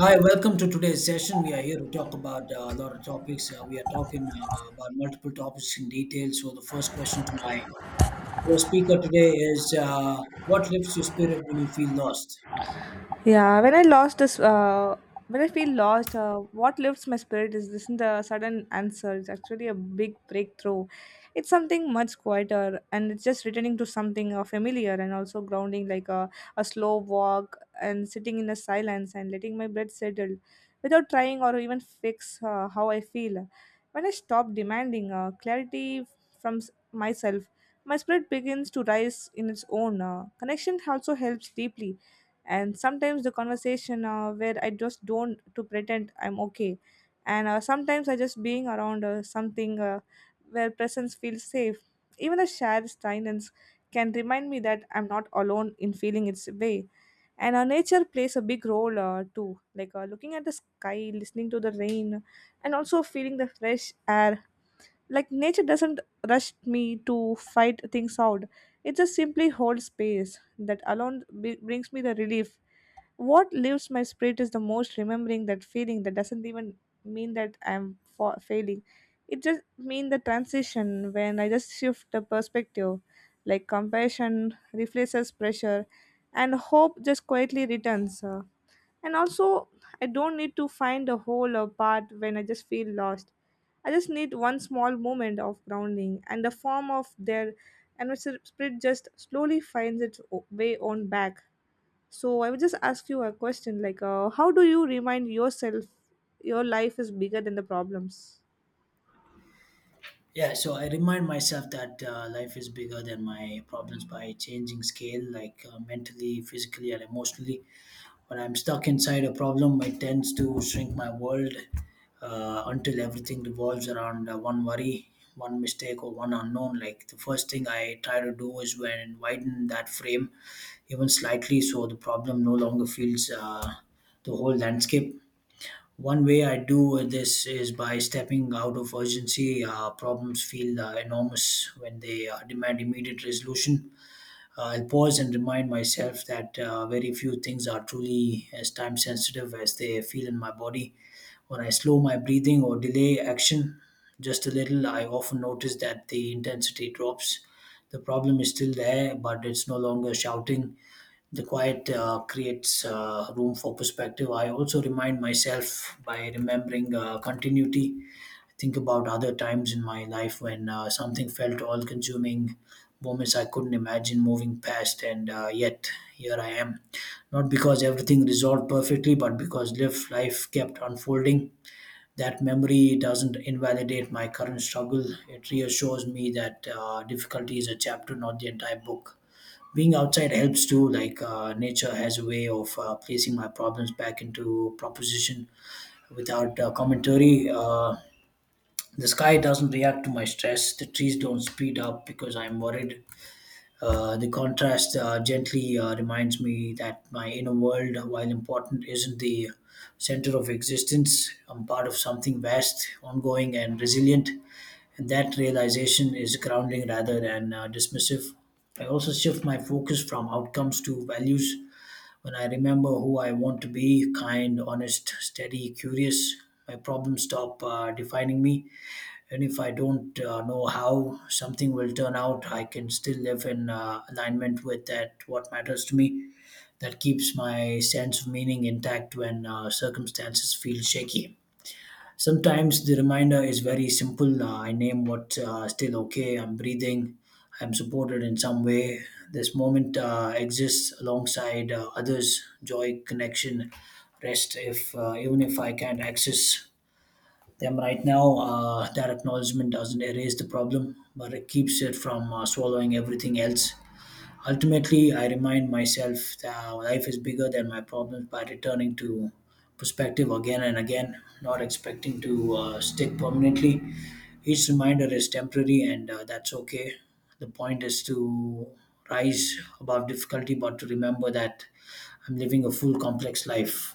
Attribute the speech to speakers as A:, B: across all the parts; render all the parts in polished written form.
A: Hi, welcome to today's session. We are here to talk about a lot of topics. We are talking about multiple topics in detail. So, the first question to my first speaker today is what lifts your spirit when you feel lost?
B: Yeah, when I feel lost, what lifts my spirit is this isn't a sudden answer. It's actually a big breakthrough. It's something much quieter, and it's just returning to something familiar and also grounding, like a slow walk and sitting in the silence and letting my breath settle, without trying or even fix how I feel. When I stop demanding clarity from myself, my spirit begins to rise in its own. Connection also helps deeply, and sometimes the conversation where I just don't to pretend I'm okay, and sometimes I just being around something where presence feels safe, even the shared silence can remind me that I'm not alone in feeling its way. And our nature plays a big role too, like looking at the sky, listening to the rain, and also feeling the fresh air. Like nature doesn't rush me to fight things out, it just simply holds space. That alone brings me the relief. What lifts my spirit is the most remembering that feeling, that doesn't even mean that I'm failing. It just mean the transition when I just shift the perspective, like compassion replaces pressure and hope just quietly returns. And also, I don't need to find a hole or part when I just feel lost. I just need one small moment of grounding and the form of their, and my spirit just slowly finds its way on back. So I would just ask you a question like, how do you remind yourself your life is bigger than the problems?
A: Yeah, so I remind myself that life is bigger than my problems by changing scale, like mentally, physically, and emotionally. When I'm stuck inside a problem, it tends to shrink my world until everything revolves around one worry, one mistake, or one unknown. Like the first thing I try to do is when widen that frame even slightly, so the problem no longer feels the whole landscape. One way I do this is by stepping out of urgency. Problems feel enormous when they demand immediate resolution. I'll pause and remind myself that very few things are truly as time sensitive as they feel in my body. When I slow my breathing or delay action just a little, I often notice that the intensity drops. The problem is still there, but it's no longer shouting. The quiet creates room for perspective. I also remind myself by remembering continuity. Think about other times in my life when something felt all consuming, moments I couldn't imagine moving past, and yet here I am. Not because everything resolved perfectly, but because live life kept unfolding. That memory doesn't invalidate my current struggle. It reassures me that difficulty is a chapter, not the entire book. Being outside helps too. Like nature has a way of placing my problems back into proposition without commentary. The sky doesn't react to my stress. The trees don't speed up because I'm worried. The contrast gently reminds me that my inner world, while important, isn't the center of existence. I'm part of something vast, ongoing, and resilient. And that realization is grounding rather than dismissive. I also shift my focus from outcomes to values. When I remember who I want to be kind, honest, steady, curious, my problems stop defining me. And if I don't know how something will turn out, I can still live in alignment with that what matters to me. That keeps my sense of meaning intact when circumstances feel shaky. Sometimes the reminder is very simple. I name what's still okay. I'm breathing, I'm supported in some way. This moment exists alongside others, joy, connection, rest, if even if I can't access them right now. That acknowledgement doesn't erase the problem, but it keeps it from swallowing everything else. Ultimately, I remind myself that life is bigger than my problems by returning to perspective again and again, not expecting to stick permanently. Each reminder is temporary, and that's okay. The point is to rise above difficulty, but to remember that I'm living a full, complex life.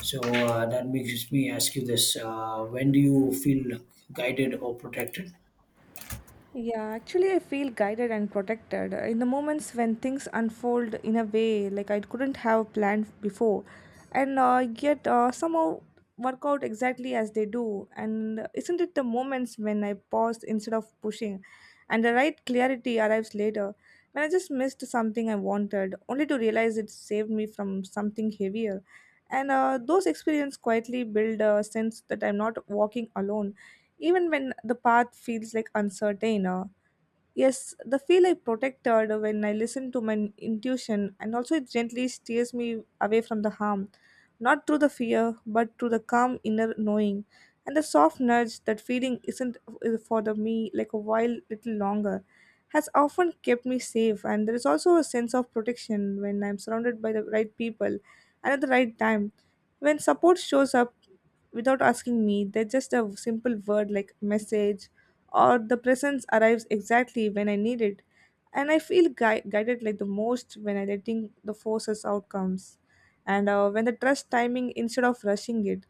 A: So that makes me ask you this: When do you feel guided or protected?
B: Yeah, actually, I feel guided and protected in the moments when things unfold in a way like I couldn't have planned before, and yet somehow work out exactly as they do. And isn't it the moments when I pause instead of pushing, and the right clarity arrives later, when I just missed something I wanted, only to realize it saved me from something heavier. And those experiences quietly build a sense that I'm not walking alone, even when the path feels like uncertain. Yes, the feel I protected when I listen to my intuition, and also it gently steers me away from the harm, not through the fear but through the calm inner knowing. And the soft nudge that feeling isn't for the me like a while little longer has often kept me safe. And there is also a sense of protection when I'm surrounded by the right people and at the right time. When support shows up without asking me, they're just a simple word like message, or the presence arrives exactly when I need it. And I feel guided like the most when I letting the forces outcomes, and when the trust timing instead of rushing it.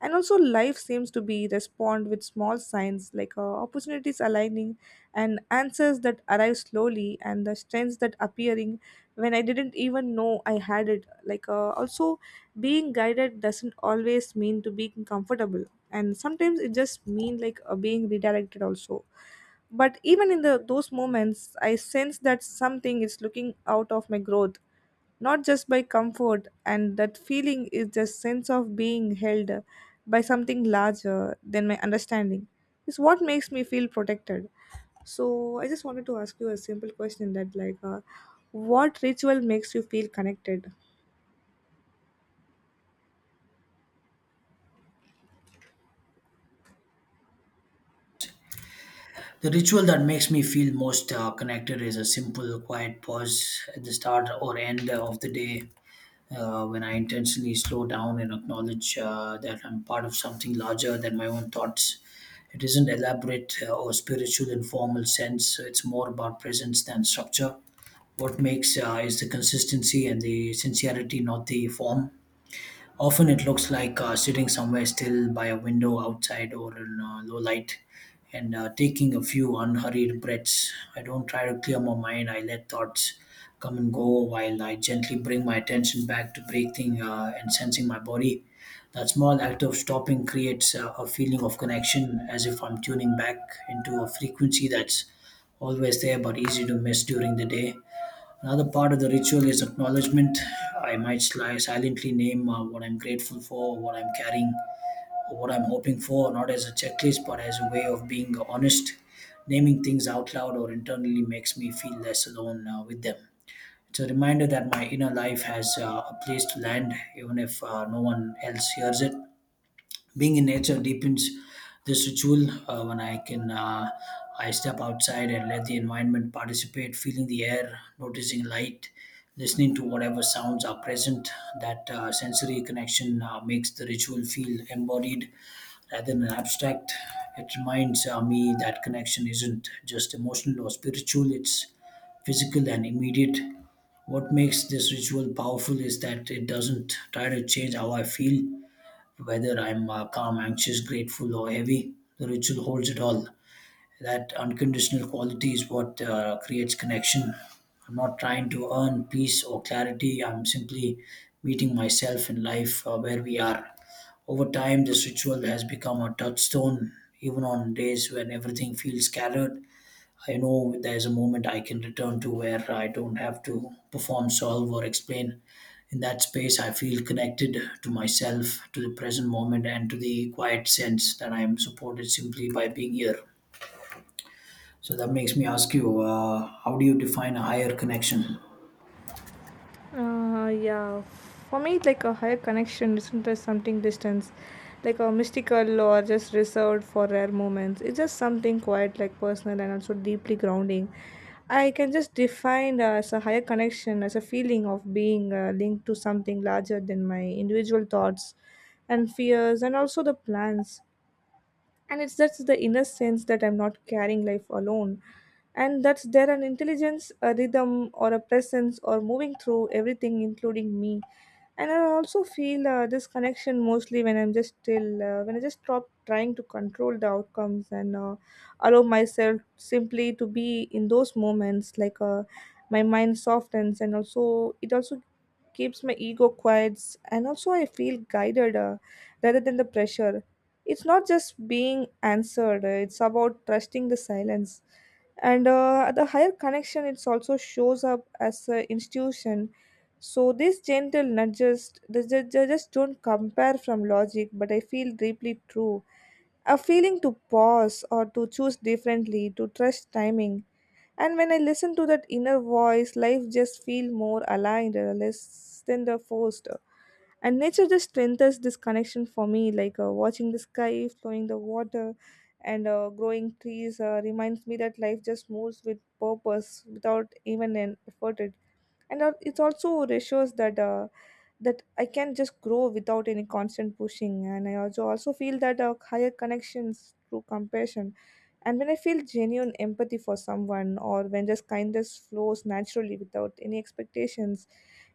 B: And also life seems to be respond with small signs, like opportunities aligning, and answers that arrive slowly, and the strengths that appearing when I didn't even know I had it. Like also, being guided doesn't always mean to being comfortable, and sometimes it just mean like being redirected also. But even in the those moments I sense that something is looking out of my growth, not just by comfort. And that feeling is just sense of being held by something larger than my understanding is what makes me feel protected. So I just wanted to ask you a simple question that like, what ritual makes you feel connected?
A: The ritual that makes me feel most connected is a simple, quiet pause at the start or end of the day, when I intentionally slow down and acknowledge that I'm part of something larger than my own thoughts. It isn't elaborate or spiritual in formal sense. It's more about presence than structure. What makes is the consistency and the sincerity, not the form. Often it looks like sitting somewhere still by a window outside or in low light, and taking a few unhurried breaths. I don't try to clear my mind, I let thoughts come and go while I gently bring my attention back to breathing and sensing my body. That small act of stopping creates a feeling of connection, as if I'm tuning back into a frequency that's always there but easy to miss during the day. Another part of the ritual is acknowledgement. I might silently name what I'm grateful for, what I'm carrying, or what I'm hoping for, not as a checklist, but as a way of being honest. Naming things out loud or internally makes me feel less alone with them. It's a reminder that my inner life has a place to land, even if no one else hears it. Being in nature deepens this ritual. When I can, I step outside and let the environment participate, feeling the air, noticing light, listening to whatever sounds are present. That sensory connection makes the ritual feel embodied rather than abstract. It reminds me that connection isn't just emotional or spiritual, it's physical and immediate. What makes this ritual powerful is that it doesn't try to change how I feel. Whether I'm calm, anxious, grateful, or heavy, the ritual holds it all. That unconditional quality is what creates connection. I'm not trying to earn peace or clarity. I'm simply meeting myself in life where we are. Over time, this ritual has become a touchstone, even on days when everything feels scattered. I know there's a moment I can return to where I don't have to perform, solve, or explain. In that space, I feel connected to myself, to the present moment, and to the quiet sense that I am supported simply by being here. So that makes me ask you, how do you define a higher connection?
B: Yeah, for me, it's like a higher connection isn't just something distance, like a mystical or just reserved for rare moments. It's just something quite like personal and also deeply grounding. I can just define as a higher connection as a feeling of being linked to something larger than my individual thoughts and fears and also the plans. And it's just the inner sense that I'm not carrying life alone, and that's there an intelligence, a rhythm, or a presence or moving through everything, including me. And I also feel this connection mostly when I'm just still, when I just stop trying to control the outcomes, and allow myself simply to be in those moments. Like my mind softens, and also it also keeps my ego quiet, and also I feel guided rather than the pressure. It's not just being answered, it's about trusting the silence. And the higher connection, it also shows up as an institution. So these gentle nudges, they just don't compare from logic, but I feel deeply true. A feeling to pause or to choose differently, to trust timing. And when I listen to that inner voice, life just feel more aligned, less than the forced. And nature just strengthens this connection for me, like watching the sky, flowing the water, and growing trees reminds me that life just moves with purpose without even an effort it. And it also reassures that, that I can just grow without any constant pushing. And I also also feel that higher connections through compassion. And when I feel genuine empathy for someone, or when just kindness flows naturally without any expectations,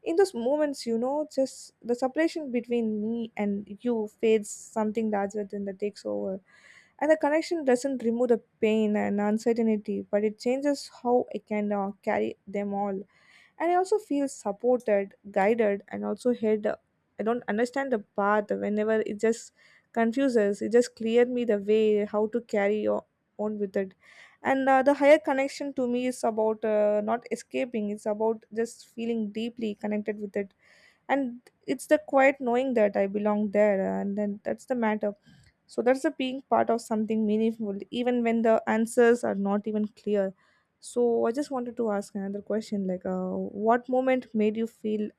B: in those moments, you know, just the separation between me and you fades, something larger than that takes over. And the connection doesn't remove the pain and uncertainty, but it changes how I can carry them all. And I also feel supported, guided, and also head. I don't understand the path whenever it just confuses, it just cleared me the way how to carry on with it. And the higher connection to me is about not escaping, it's about just feeling deeply connected with it. And it's the quiet knowing that I belong there, and then that's the matter. So that's a being part of something meaningful, even when the answers are not even clear. So I just wanted to ask another question, like, what moment made you feel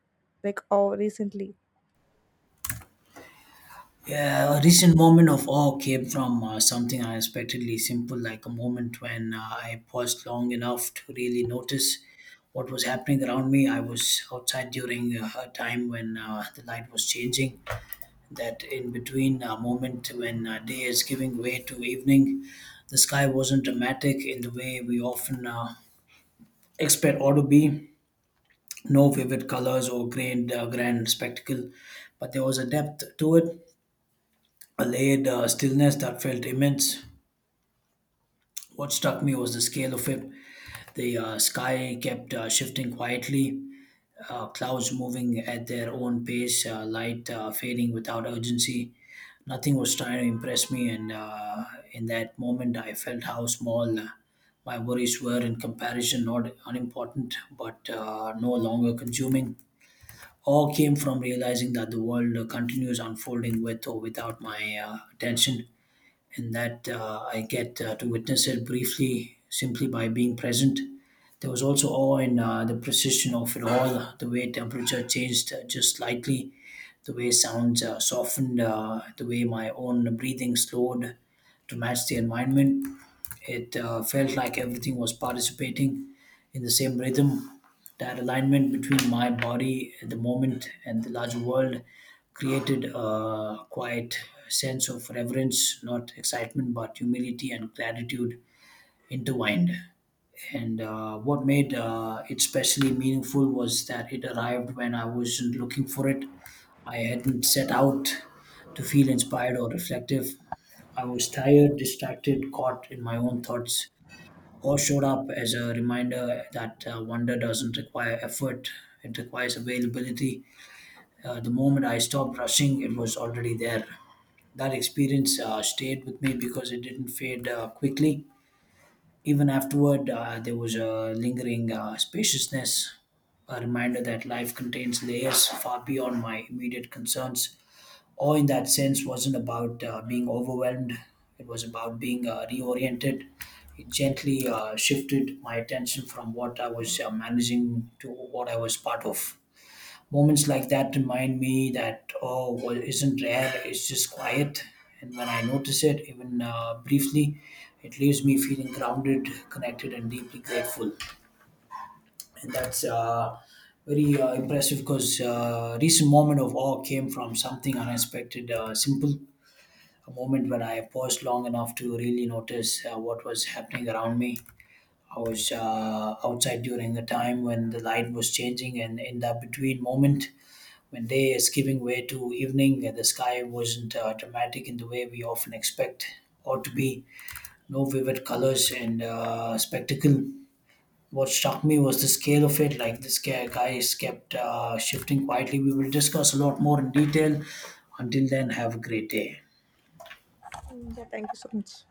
B: like, oh, recently?
A: Yeah, a recent moment of awe came from something unexpectedly simple, like a moment when I paused long enough to really notice what was happening around me. I was outside during a time when the light was changing, that in between moment when day is giving way to evening. The sky wasn't dramatic in the way we often expect or to be. No vivid colors or grand, grand spectacle, but there was a depth to it, a layered stillness that felt immense. What struck me was the scale of it. The sky kept shifting quietly, clouds moving at their own pace, light fading without urgency. Nothing was trying to impress me, and in that moment, I felt how small my worries were in comparison, not unimportant, but no longer consuming. All came from realizing that the world continues unfolding with or without my attention, and that I get to witness it briefly, simply by being present. There was also awe in the precision of it all, the way temperature changed just slightly, the way sounds softened, the way my own breathing slowed to match the environment. It felt like everything was participating in the same rhythm. That alignment between my body at the moment and the larger world created a quiet sense of reverence, not excitement, but humility and gratitude intertwined. And what made it especially meaningful was that it arrived when I wasn't looking for it. I hadn't set out to feel inspired or reflective. I was tired, distracted, caught in my own thoughts, or showed up as a reminder that wonder doesn't require effort, it requires availability. The moment I stopped rushing, it was already there. That experience stayed with me because it didn't fade quickly. Even afterward, there was a lingering spaciousness, a reminder that life contains layers far beyond my immediate concerns. Awe in that sense wasn't about being overwhelmed, it was about being reoriented. It gently shifted my attention from what I was managing to what I was part of. Moments like that remind me that oh well isn't rare, it's just quiet, and when I notice it, even briefly, it leaves me feeling grounded, connected, and deeply grateful. And that's very impressive because recent moment of awe came from something unexpected simple, a moment when I paused long enough to really notice what was happening around me. I was outside during a time when the light was changing, and in that between moment when day is giving way to evening, the sky wasn't dramatic in the way we often expect or to be. No vivid colors and spectacle. What struck me was the scale of it. Like the sky guys kept shifting quietly. We will discuss a lot more in detail. Until then, have a great day.
B: Mm, yeah, thank you so much.